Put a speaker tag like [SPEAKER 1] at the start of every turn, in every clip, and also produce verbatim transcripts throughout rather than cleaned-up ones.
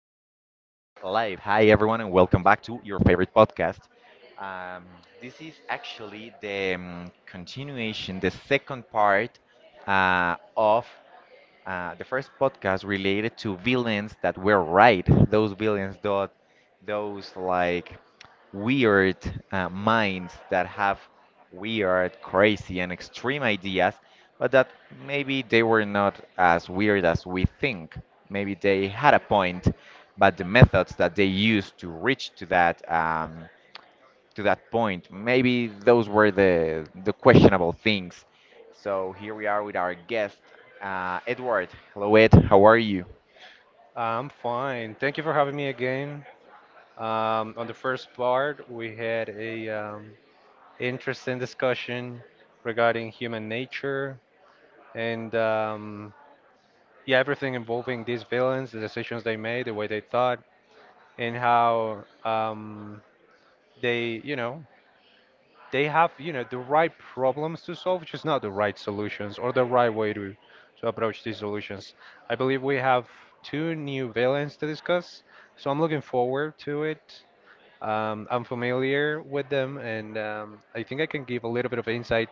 [SPEAKER 1] live. Hi, everyone, and welcome back to your favorite podcast. Um, this is actually the um, continuation, the second part uh, of uh, the first podcast related to villains that were right. Those villains, that, those like weird uh, minds that have weird, crazy, and extreme ideas, but that maybe they were not as weird as we think. Maybe they had a point, but the methods that they used to reach to that um, to that point. Maybe those were the the questionable things. So here we are with our guest, uh, Edward. Hello, Ed. How are you?
[SPEAKER 2] I'm fine. Thank you for having me again. Um, on the first part, we had a um, interesting discussion regarding human nature and um, yeah, everything involving these villains, the decisions they made, the way they thought, and how um, they, you know, they have, you know, the right problems to solve, just not the right solutions or the right way to to approach these solutions. I believe we have two new villains to discuss. So I'm looking forward to it. Um, I'm familiar with them, and um, I think I can give a little bit of insight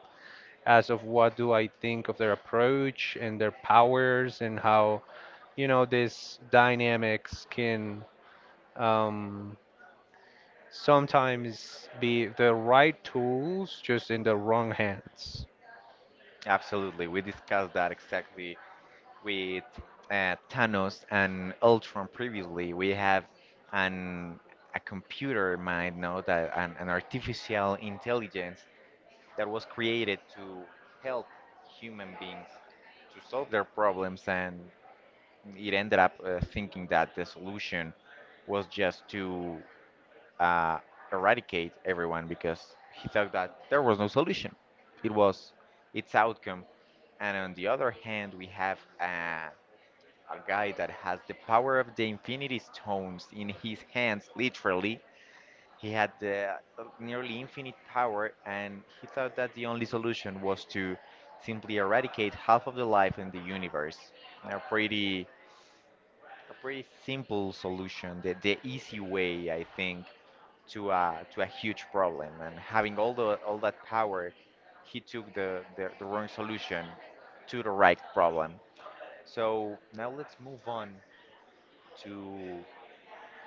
[SPEAKER 2] as of what do I think of their approach and their powers and how, you know, this dynamics can um, sometimes be the right tools just in the wrong hands.
[SPEAKER 1] Absolutely. We discussed that exactly with uh, Thanos and Ultron previously. We have an a computer mind now that an, an artificial intelligence that was created to help human beings to solve their problems, and it ended up uh, thinking that the solution was just to uh, eradicate everyone because he thought that there was no solution. It was its outcome. And on the other hand, we have a, a guy that has the power of the Infinity Stones in his hands, literally. He had the uh, nearly infinite power, and he thought that the only solution was to simply eradicate half of the life in the universe. A pretty a pretty simple solution, the, the easy way, I think, to a to a huge problem. And having all the all that power, he took the, the, the wrong solution to the right problem. So now let's move on to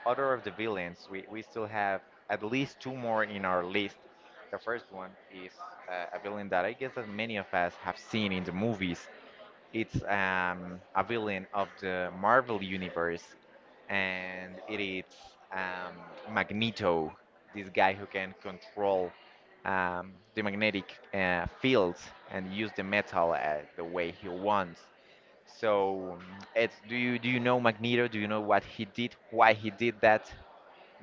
[SPEAKER 1] other of the villains. We we still have at least two more in our list. The first one is uh, a villain that I guess that many of us have seen in the movies. It's um, a villain of the Marvel Universe, and it is um, Magneto, this guy who can control um, the magnetic uh, fields and use the metal uh, the way he wants. So, um, it's, do you do you know Magneto? Do you know what he did? Why he did that?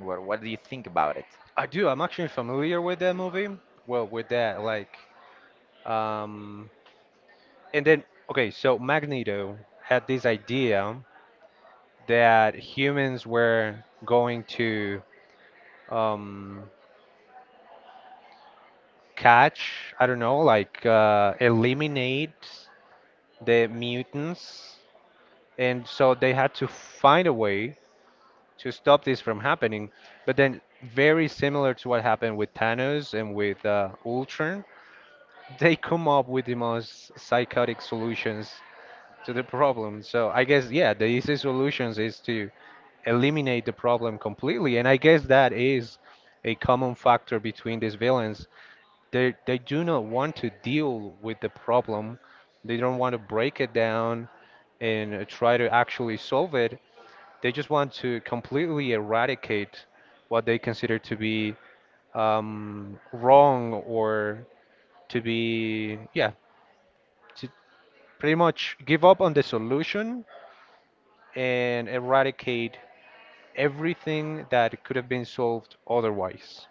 [SPEAKER 1] What what do you think about it?
[SPEAKER 2] I do. I'm actually familiar with that movie. Well, with that, like, um, and then okay, so Magneto had this idea that humans were going to um, catch, I don't know, like uh, eliminate the mutants. And so they had to find a way to stop this from happening. But then, very similar to what happened with Thanos and with uh, Ultron, they come up with the most psychotic solutions to the problem. So I guess, yeah, the easy solutions is to eliminate the problem completely. And I guess that is a common factor between these villains. They they do not want to deal with the problem. They don't want to break it down and uh, try to actually solve it. They just want to completely eradicate what they consider to be um, wrong or to be, yeah, to pretty much give up on the solution and eradicate everything that could have been solved otherwise.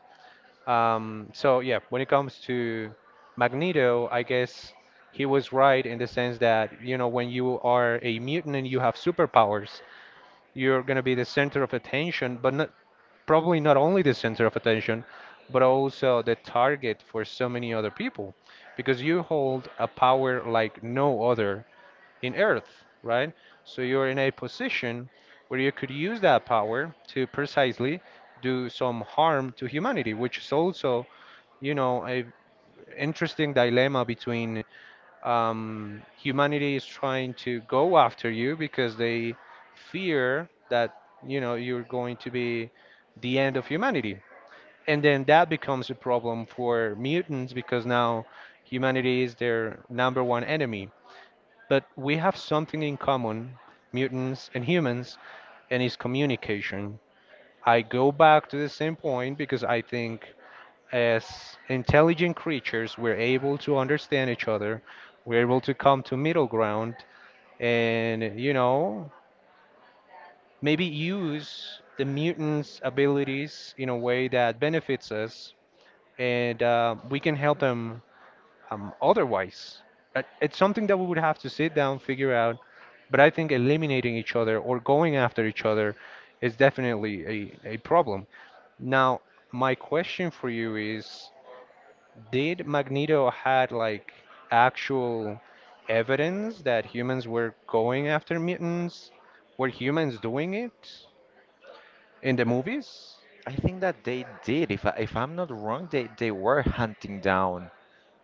[SPEAKER 2] Um, so yeah, when it comes to Magneto, I guess he was right in the sense that, you know, when you are a mutant and you have superpowers, you're going to be the center of attention, but not, probably not only the center of attention, but also the target for so many other people, because you hold a power like no other in Earth, right? So you're in a position where you could use that power to precisely do some harm to humanity, which is also you know, a interesting dilemma between um, humanity is trying to go after you because they fear that, you know, you're going to be the end of humanity. And then that becomes a problem for mutants because now humanity is their number one enemy. But we have something in common, mutants and humans, and it's communication. I go back to the same point because I think as intelligent creatures, we're able to understand each other, we're able to come to middle ground, and you know, maybe use the mutants' abilities in a way that benefits us, and uh, we can help them um, otherwise. But it's something that we would have to sit down, figure out. But I think eliminating each other or going after each other is definitely a, a problem. Now, my question for you is, did Magneto had like actual evidence that humans were going after mutants? Were humans doing it in the movies?
[SPEAKER 1] I think that they did. If I, if I'm not wrong, they they were hunting down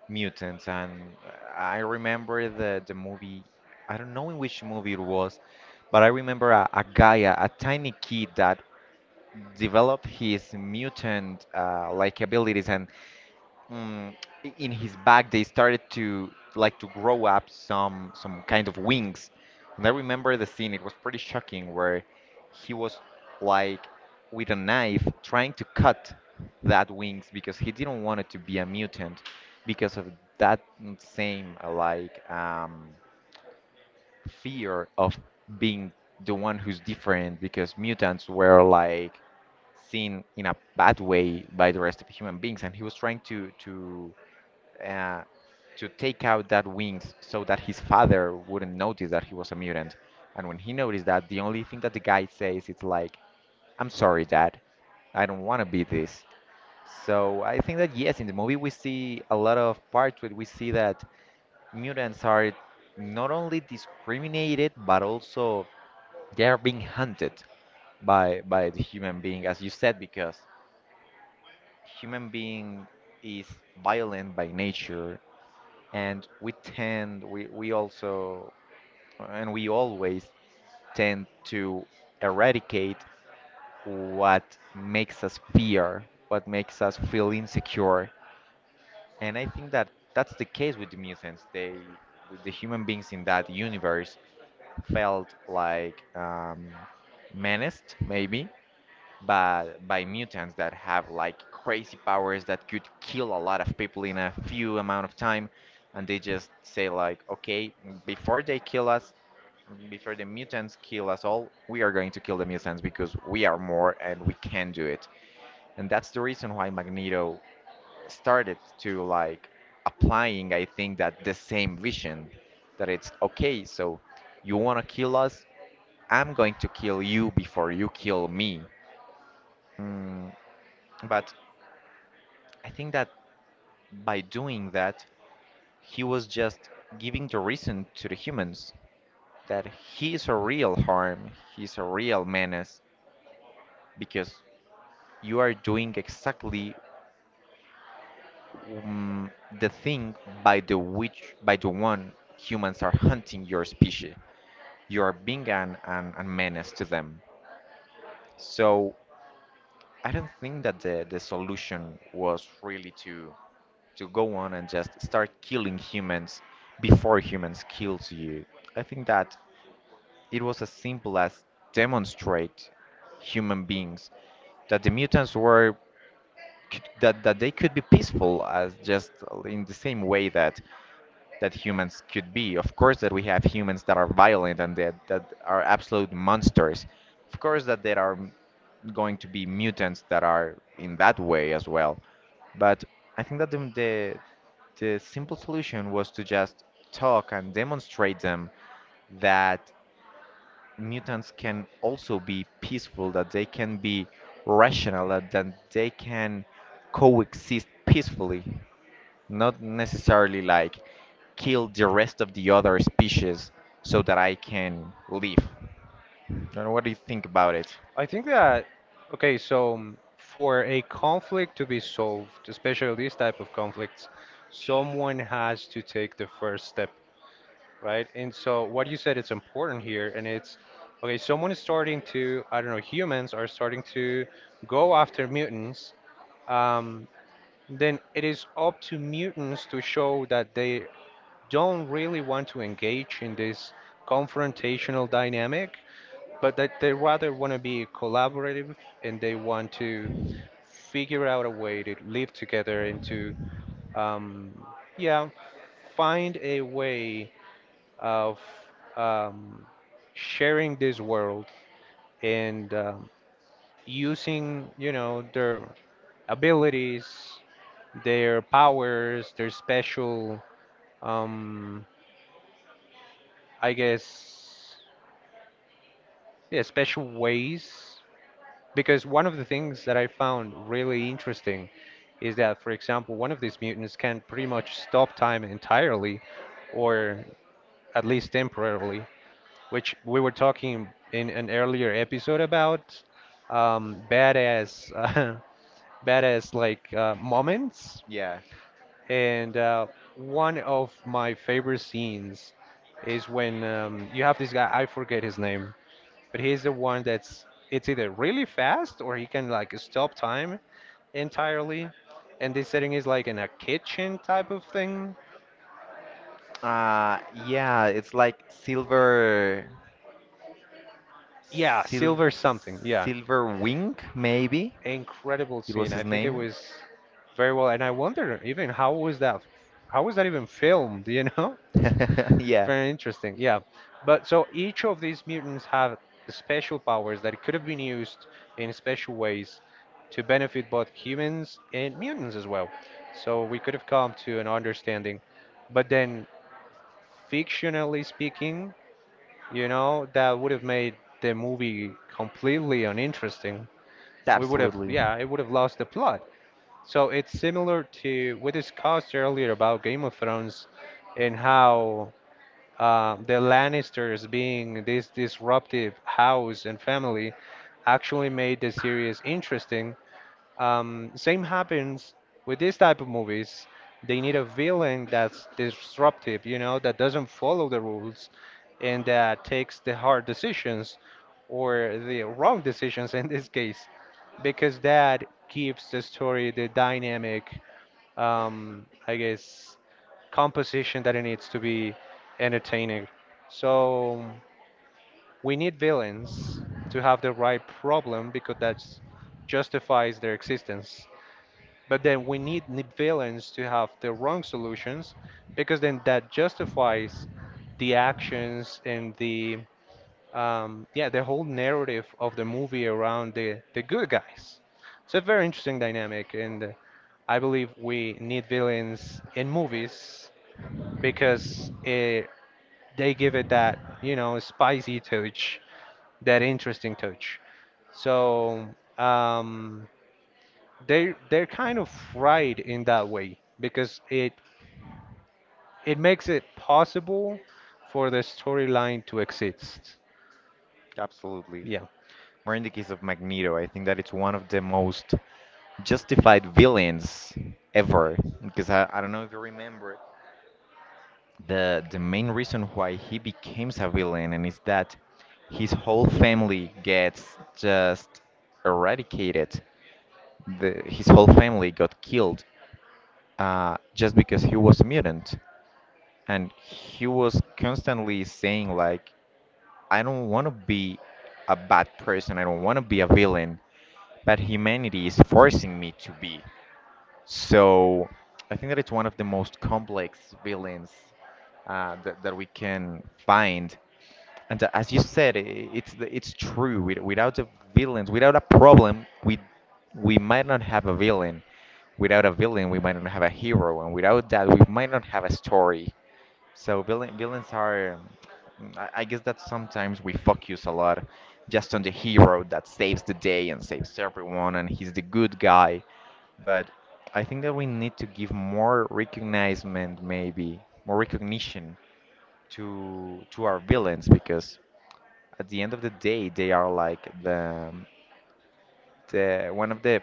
[SPEAKER 1] mutants. And I remember the the movie. I don't know in which movie it was, but I remember a, a guy, a, a tiny kid that developed his mutant uh, like abilities. And mm, i- in his back they started to like to grow up some some kind of wings, and I remember the scene. It was pretty shocking where he was like with a knife trying to cut that wings because he didn't want it to be a mutant because of that mm, same uh, like um, fear of being the one who's different, because mutants were like seen in a bad way by the rest of human beings, and he was trying to to uh, to take out that wings so that his father wouldn't notice that he was a mutant. And when he noticed that, the only thing that the guy says is like, "I'm sorry, Dad. I don't want to be this." So I think that yes, in the movie we see a lot of parts where we see that mutants are not only discriminated but also they are being hunted by by the human being, as you said, because human being is violent by nature, and we tend we, we also and we always tend to eradicate what makes us fear, what makes us feel insecure. And I think that that's the case with the mutants. They, the human beings in that universe felt like um, menaced maybe by by mutants that have like crazy powers that could kill a lot of people in a few amount of time. And they just say like, okay, before they kill us, before the mutants kill us all, we are going to kill the mutants because we are more and we can do it. And that's the reason why Magneto started to like applying, I think, that the same vision, that it's okay, so you want to kill us, I'm going to kill you before you kill me. Hmm. But I think that by doing that, he was just giving the reason to the humans that he is a real harm, he's a real menace, because you are doing exactly um, the thing by the which by the one humans are hunting your species. You are being an, an, a menace to them. So I don't think that the, the solution was really to to go on and just start killing humans before humans kills you. I think that it was as simple as demonstrate human beings that the mutants were could, that that they could be peaceful as just in the same way that that humans could be. Of course that we have humans that are violent and that that are absolute monsters. Of course that there are m- going to be mutants that are in that way as well. But I think that the the, the simple solution was to just talk and demonstrate them that mutants can also be peaceful, that they can be rational, that, that they can coexist peacefully, not necessarily like kill the rest of the other species so that I can live. And what do you think about it?
[SPEAKER 2] I think that okay, so um, for a conflict to be solved, especially these type of conflicts, someone has to take the first step, right? And so what you said is important here, and it's okay. Someone is starting to, I don't know, humans are starting to go after mutants. Um, then it is up to mutants to show that they don't really want to engage in this confrontational dynamic, but that they rather want to be collaborative and they want to figure out a way to live together and to, um, yeah, find a way of um, sharing this world and um, using, you know, their abilities their powers, their special um, I guess, yeah, special ways. Because one of the things that I found really interesting is that, for example, one of these mutants can pretty much stop time entirely, or at least temporarily, which we were talking in an earlier episode about um, badass, uh, badass like uh, moments.
[SPEAKER 1] Yeah.
[SPEAKER 2] And uh, one of my favorite scenes is when um, you have this guy, I forget his name, but he's the one that's it's either really fast or he can like stop time entirely. And this setting is like in a kitchen type of thing.
[SPEAKER 1] Uh yeah, it's like silver.
[SPEAKER 2] Yeah,
[SPEAKER 1] sil
[SPEAKER 2] silver something. Yeah,
[SPEAKER 1] Silver wing maybe.
[SPEAKER 2] incredible
[SPEAKER 1] It was
[SPEAKER 2] scene. I
[SPEAKER 1] his
[SPEAKER 2] think it
[SPEAKER 1] name.
[SPEAKER 2] was very well, and I wonder even how was that, how was that even filmed? You know?
[SPEAKER 1] yeah,
[SPEAKER 2] Very interesting, yeah. But so each of these mutants have special powers that could have been used in special ways to benefit both humans and mutants as well. So we could have come to an understanding. But then, fictionally speaking, you know, that would have made the movie completely uninteresting. We would have,
[SPEAKER 1] absolutely.
[SPEAKER 2] yeah, it would have lost the plot. So it's similar to we discussed earlier about Game of Thrones and how uh, the Lannisters being this disruptive house and family actually made the series interesting. Um, same happens with this type of movies. They need a villain that's disruptive, you know, that doesn't follow the rules and that takes the hard decisions or the wrong decisions in this case, because that gives the story the dynamic um, I guess, composition that it needs to be entertaining. So we need villains to have the right problem because that justifies their existence. But then we need n- villains to have the wrong solutions because then that justifies the actions and the um, yeah, the whole narrative of the movie around the, the good guys. It's a very interesting dynamic, and uh, I believe we need villains in movies because eh, they give it that, you know, spicy touch, that interesting touch. So um, they they're kind of right in that way because it it makes it possible for the storyline to exist.
[SPEAKER 1] Absolutely.
[SPEAKER 2] Yeah,
[SPEAKER 1] Or in the case of Magneto, I think that it's one of the most justified villains ever. Because I, I don't know if you remember the the main reason why he becomes a villain, and is that his whole family gets just eradicated. The, his whole family got killed uh, just because he was a mutant, and he was constantly saying like, "I don't want to be a bad person. I don't want to be a villain, but humanity is forcing me to be." So I think that it's one of the most complex villains uh, that, that we can find. And uh, as you said, i- it's the- it's true. With- Without the villains, without a problem, we we might not have a villain. Without a villain, we might not have a hero, and without that, we might not have a story. So villain, villains are. mm, I I guess that sometimes we focus a lot just on the hero that saves the day and saves everyone, and he's the good guy. But I think that we need to give more recognition, maybe more recognition to to our villains, because at the end of the day, they are like the the one of the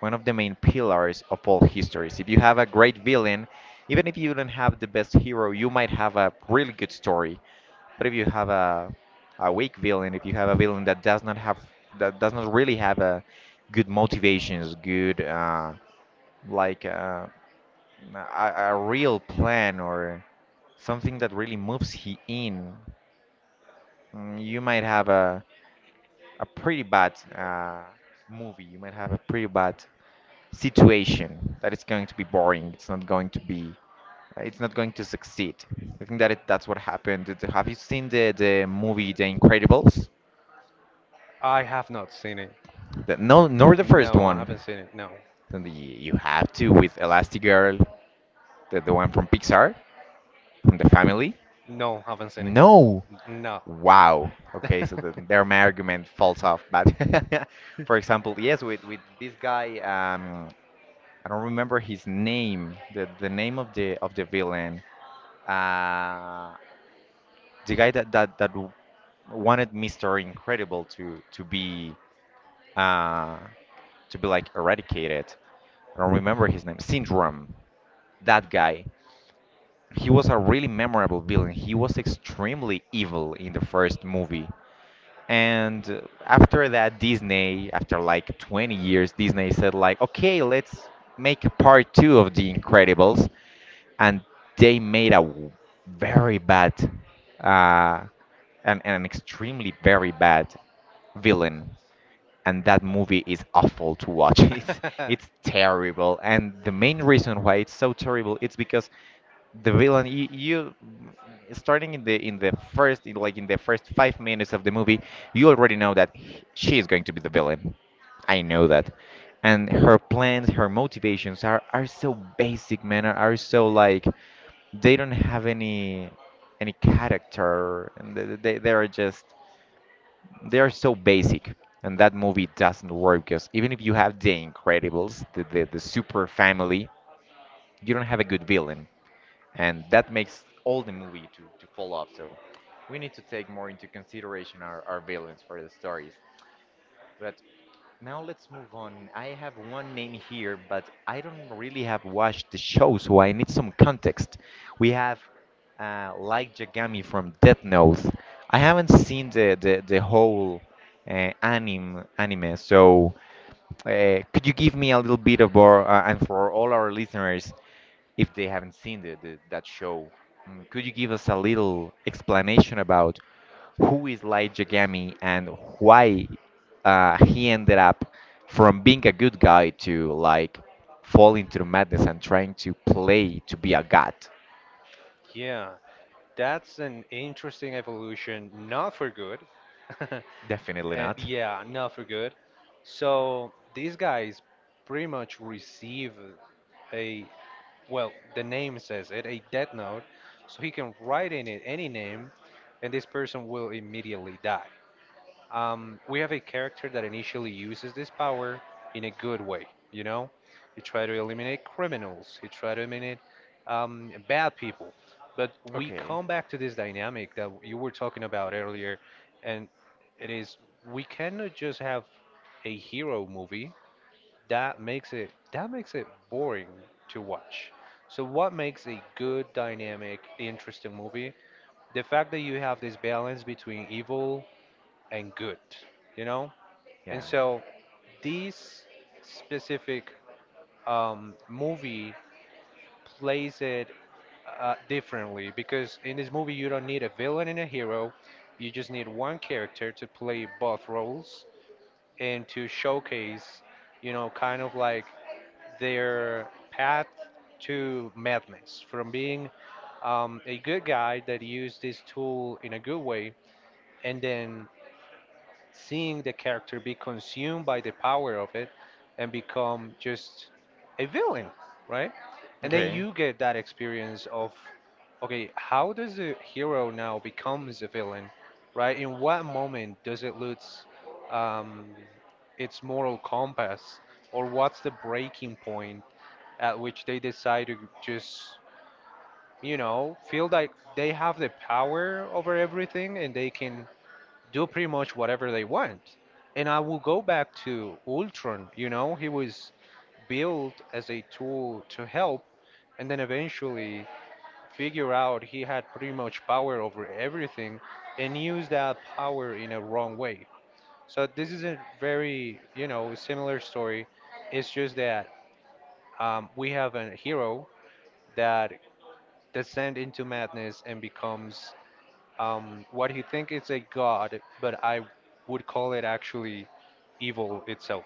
[SPEAKER 1] one of the main pillars of all histories. If you have a great villain, even if you don't have the best hero, you might have a really good story. But if you have a a weak villain, if you have a villain that does not have that does not really have a good motivations, good uh, like uh, a, a real plan or something that really moves he in, mm, you might have a a pretty bad uh, movie. You might have a pretty bad situation that it's going to be boring. It's not going to be. uh, It's not going to succeed. I think that it, that's what happened. Did- Have you seen the, the movie The Incredibles?
[SPEAKER 2] I have not seen it.
[SPEAKER 1] The, no, nor the first
[SPEAKER 2] No, I
[SPEAKER 1] one.
[SPEAKER 2] haven't seen it. No,
[SPEAKER 1] Then the, you have to, with Elastigirl, the, the one from Pixar, from the family.
[SPEAKER 2] no, haven't seen it.
[SPEAKER 1] No.
[SPEAKER 2] No.
[SPEAKER 1] Wow. Okay, so the, their my argument falls off. But for example, yes, with with this guy. Um, I don't remember his name, the the name of the of the villain. Uh, the guy that that that w- wanted Mister Incredible to to be uh to be like eradicated. I don't remember his name. Syndrome. That guy. He was a really memorable villain. He was extremely evil in the first movie. And uh, after that, Disney, after like twenty years, Disney said like, okay, let's make a part two of The Incredibles. And they made a w- very bad uh, and, and an extremely very bad villain, and that movie is awful to watch. It's it's terrible, and the main reason why it's so terrible it's because the villain you, you starting in the in the first in like in the first five minutes of the movie, you already know that he- she is going to be the villain. I know that, and her plans, her motivations are are so basic, man. Are are so like they don't have any any character, and they they they are just they are so basic, and that movie doesn't work, because even if you have the incredibles the, the, the super family, you don't have a good villain, and that makes all the movie to, to fall off. So we need to take more into consideration our, our villains for the stories. But now let's move on. I have one name here, but I don't really have watched the show, so I need some context. We have uh, Light Yagami from Death Note. I haven't seen the the, the whole uh, anime anime, so uh, could you give me a little bit of our, uh, and for all our listeners, if they haven't seen the, the that show. Mm, Could you give us a little explanation about who is Light Yagami and why uh, he ended up from being a good guy to like falling into madness and trying to play to be a god?
[SPEAKER 2] Yeah, that's an interesting evolution, not for good.
[SPEAKER 1] Definitely
[SPEAKER 2] Uh,
[SPEAKER 1] not.
[SPEAKER 2] yeah, not for good. So these guys pretty much receive a, well, the name says it, a death note, so he can write in it any name, and this person will immediately die. um, we have a character that initially uses this power in a good way. You know, he try to eliminate criminals, he try to eliminate um, bad people. But we
[SPEAKER 1] Okay.
[SPEAKER 2] come back to this dynamic that you were talking about earlier, and it is we cannot just have a hero movie that makes it that makes it boring to watch. So what makes a good, dynamic, interesting movie? The fact that you have this balance between evil and good, you know?
[SPEAKER 1] Yeah.
[SPEAKER 2] And so this specific um, movie plays it uh, differently because in this movie you don't need a villain and a hero. You just need one character to play both roles and to showcase, you know, kind of like their path to madness from being um, a good guy that used this tool in a good way and then seeing the character be consumed by the power of it and become just a villain, right? And then
[SPEAKER 1] Okay.
[SPEAKER 2] you get that experience of, okay, how does the hero now becomes a villain, right? In what moment does it lose um, its moral compass, or what's the breaking point at which they decide to just, you know, feel like they have the power over everything and they can do pretty much whatever they want. And I will go back to Ultron, you know, he was built as a tool to help and then eventually figure out he had pretty much power over everything and use that power in a wrong way. So this is a very, you know, similar story. It's just that um, we have a hero that descends into madness and becomes um, what you think is a god, but I would call it actually evil itself.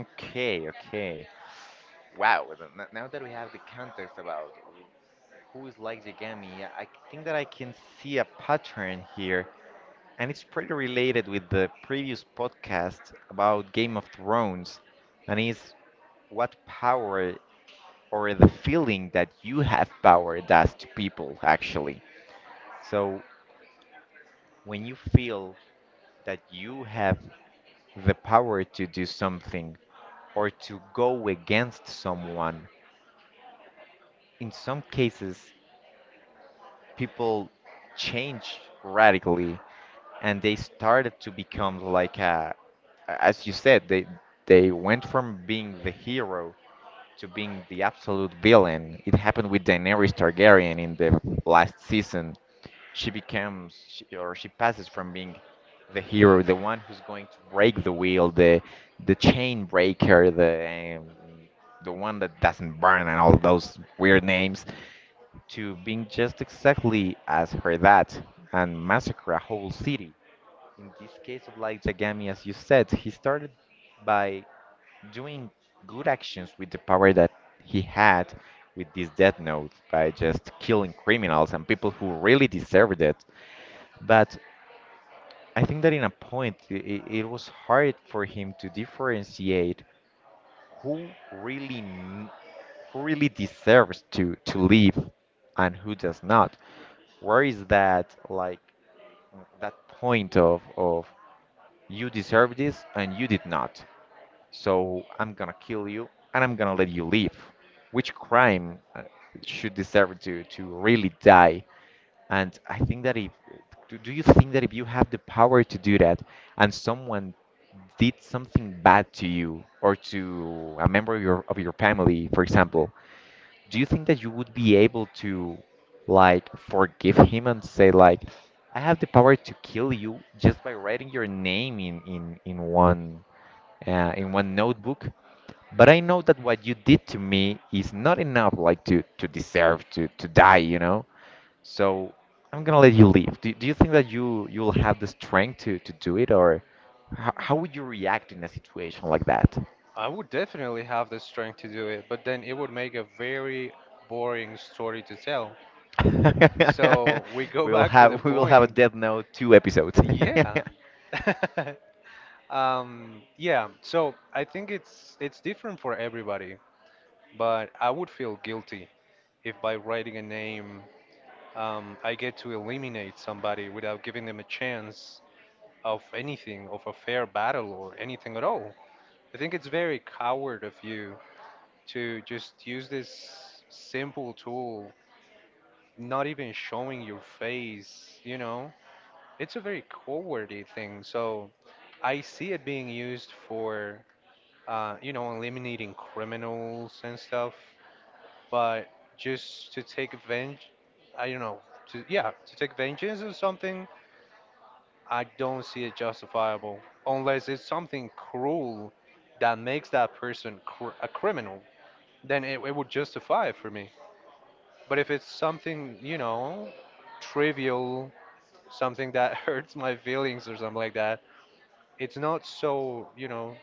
[SPEAKER 1] Okay, okay. Wow, th- n- now that we have the context about who is like Yagami, I I think that I can see a pattern here, and it's pretty related with the previous podcast about Game of Thrones, and is what power or the feeling that you have power does to people, actually. So when you feel that you have the power to do something or to go against someone, in some cases, people change radically and they started to become like a, as you said, they they went from being the hero to being the absolute villain. It happened with Daenerys Targaryen in the last season. She becomes she, or she passes from being the hero, the one who's going to break the wheel, the the chain breaker, the um, the one that doesn't burn and all those weird names to being just exactly as her dad and massacre a whole city. In this case of like Jagami, as you said, he started by doing good actions with the power that he had with this Death Note by just killing criminals and people who really deserved it. But I think that in a point, it, it was hard for him to differentiate who really n- who really deserves to to live and who does not. Where is that like that point of of you deserve this and you did not. So I'm gonna kill you and I'm gonna let you live. Which crime uh, should deserve to to really die? And I think that if do, do you think that if you have the power to do that and someone did something bad to you or to a member of your of your family, for example, do you think that you would be able to like forgive him and say like I have the power to kill you just by writing your name in in in one uh, in one notebook but I know that what you did to me is not enough like to to deserve to to die you know so I'm gonna let you leave do, do you think that you you'll have the strength to to do it or how, how would you react in a situation like that.
[SPEAKER 2] I would definitely have the strength to do it, but then it would make a very boring story to tell. So we go
[SPEAKER 1] we will
[SPEAKER 2] back to the
[SPEAKER 1] have we will have a
[SPEAKER 2] point.
[SPEAKER 1] Death Note two episodes.
[SPEAKER 2] Yeah. Um, yeah, so I think it's it's different for everybody, but I would feel guilty if by writing a name, um, I get to eliminate somebody without giving them a chance of anything, of a fair battle or anything at all. I think it's very coward of you to just use this simple tool, not even showing your face, you know? It's a very cowardly thing. So I see it being used for, uh, you know, eliminating criminals and stuff, but just to take vengeance, I don't know, to, yeah, to take vengeance or something, I don't see it justifiable unless it's something cruel that makes that person cr- a criminal. Then it, it would justify it for me. But if it's something, you know, trivial, something that hurts my feelings or something like that, it's not so, you know,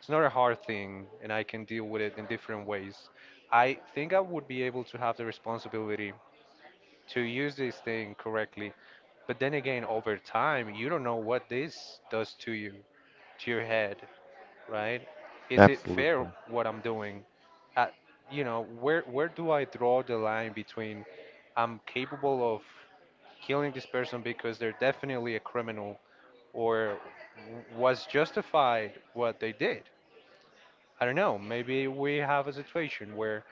[SPEAKER 2] it's not a hard thing and I can deal with it in different ways. I think I would be able to have the responsibility to use this thing correctly. But then again, over time, you don't know what this does to you, to your head, right? Is it fair
[SPEAKER 1] Absolutely.
[SPEAKER 2] what I'm doing? Uh, you know, where where do I draw the line between I'm capable of killing this person because they're definitely a criminal or w- was justified what they did? I don't know. Maybe we have a situation where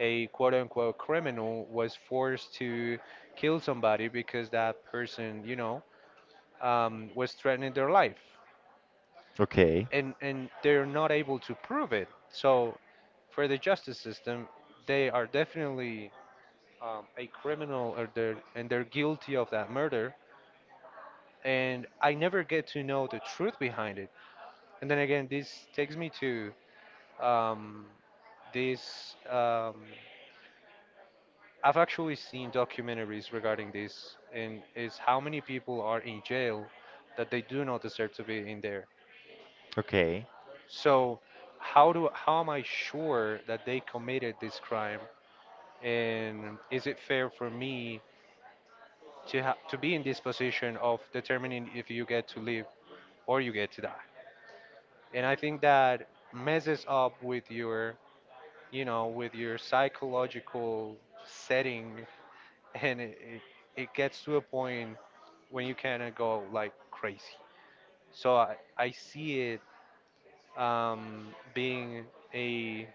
[SPEAKER 2] a quote unquote criminal was forced to kill somebody because that person, you know, um, was threatening their life,
[SPEAKER 1] Okay.
[SPEAKER 2] and and they're not able to prove it. So, for the justice system, they are definitely um, a criminal, or they're and they're guilty of that murder. And I never get to know the truth behind it. And then again, this takes me to um, this. Um, I've actually seen documentaries regarding this, and is how many people are in jail that they do not deserve to be in there.
[SPEAKER 1] Okay.
[SPEAKER 2] So how do how am I sure that they committed this crime? And is it fair for me to ha- to be in this position of determining if you get to live or you get to die? And I think that messes up with your you know with your psychological setting, and it, it, it gets to a point when you kind of go like crazy. So I, I see it um, being a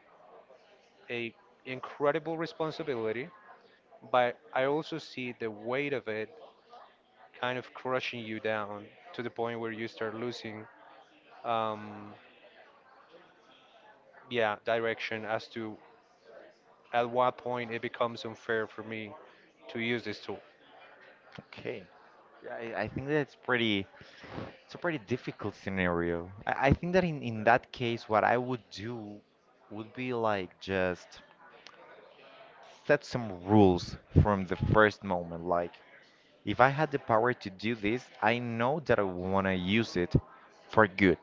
[SPEAKER 2] a incredible responsibility, but I also see the weight of it kind of crushing you down to the point where you start losing, um, yeah, direction as to at what point it becomes unfair for me to use this tool.
[SPEAKER 1] Okay. Yeah, I, I think that it's pretty it's a pretty difficult scenario. I, I think that in, in that case what I would do would be like just set some rules from the first moment. Like if I had the power to do this, I know that I want to use it for good.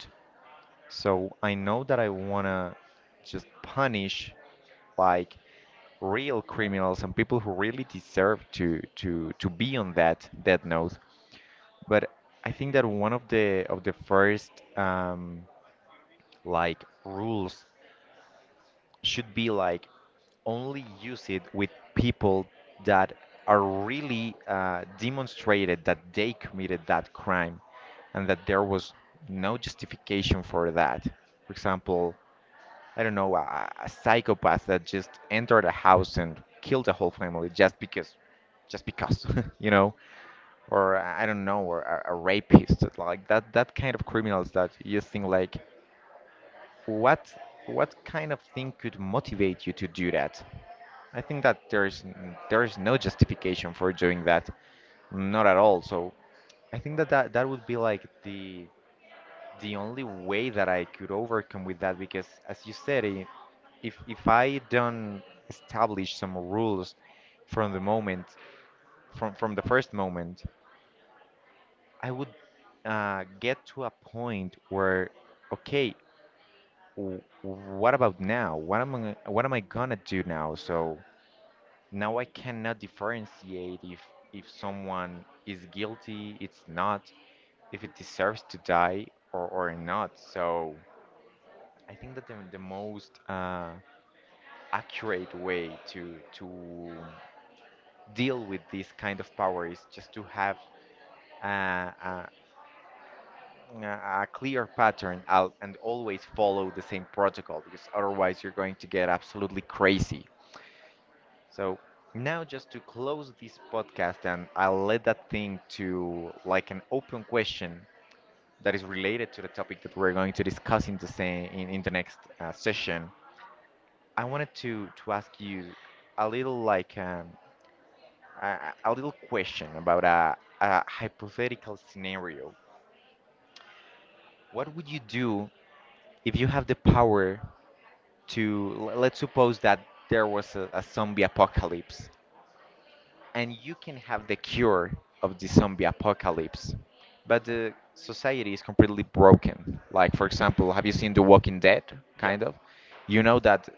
[SPEAKER 1] So I know that I want to just punish like real criminals and people who really deserve to to to be on that death note. But I think that one of the of the first um, like rules should be like only use it with people that are really uh, demonstrated that they committed that crime and that there was no justification for that. For example, I don't know, a, a psychopath that just entered a house and killed a whole family just because, just because, you know, or uh, I don't know, or a, a rapist, it's like that, that kind of criminals that you think like, what, what kind of thing could motivate you to do that? I think that there is n- there is no justification for doing that, not at all. So I think that that, that would be like the the only way that I could overcome with that because as you said, i- if if I don't establish some rules from the moment from from the first moment, I would uh, get to a point where okay, w- what about now? What am I what am I gonna do now? So now I cannot differentiate if if someone is guilty, it's not, if it deserves to die or or not. So I think that the, the most uh, accurate way to to deal with this kind of power is just to have uh, a, a a clear pattern out and always follow the same protocol because otherwise you're going to get absolutely crazy. So now just to close this podcast and I'll let that thing to like an open question that is related to the topic that we're going to discuss in the same in, in the next uh, session. I wanted to to ask you a little like um, a, a little question about a, a hypothetical scenario. What would you do if you have the power to l- let's suppose that there was a, a zombie apocalypse and you can have the cure of the zombie apocalypse, but the society is completely broken. Like, for example, have you seen The Walking Dead?
[SPEAKER 2] Yeah,
[SPEAKER 1] Kind of. You know that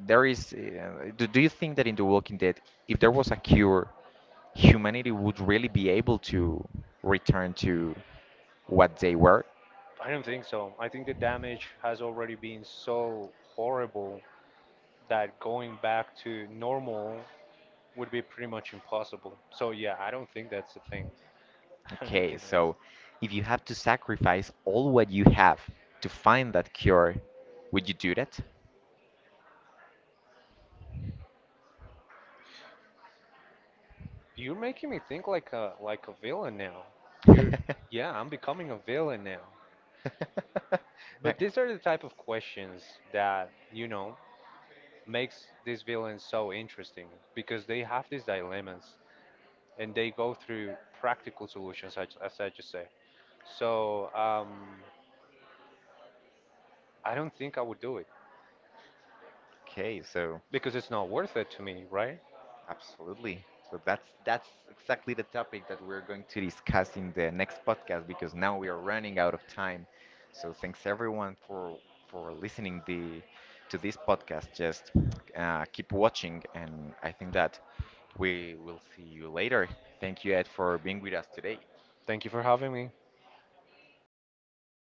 [SPEAKER 1] there is. Uh, do, do you think that in The Walking Dead, if there was a cure, humanity would really be able to return to what they were?
[SPEAKER 2] I don't think so. I think the damage has already been so horrible that going back to normal would be pretty much impossible. So yeah, I don't think that's the thing. I don't
[SPEAKER 1] Okay,
[SPEAKER 2] think that.
[SPEAKER 1] so if you have to sacrifice all what you have to find that cure, would you do that?
[SPEAKER 2] You're making me think like a like a villain now. You're yeah, I'm becoming a villain now. But
[SPEAKER 1] Like,
[SPEAKER 2] these are the type of questions that, you know, makes these villains so interesting because they have these dilemmas and they go through practical solutions as, as I just said. So, um I don't think I would do it
[SPEAKER 1] okay, so
[SPEAKER 2] because it's not worth it to me, right?
[SPEAKER 1] absolutely. So that's that's exactly the topic that we're going to discuss in the next podcast because now we are running out of time. So thanks everyone for for listening the to this podcast. Just uh, keep watching, and I think that we will see you later. Thank you, Ed, for being with us today.
[SPEAKER 2] Thank you for having me.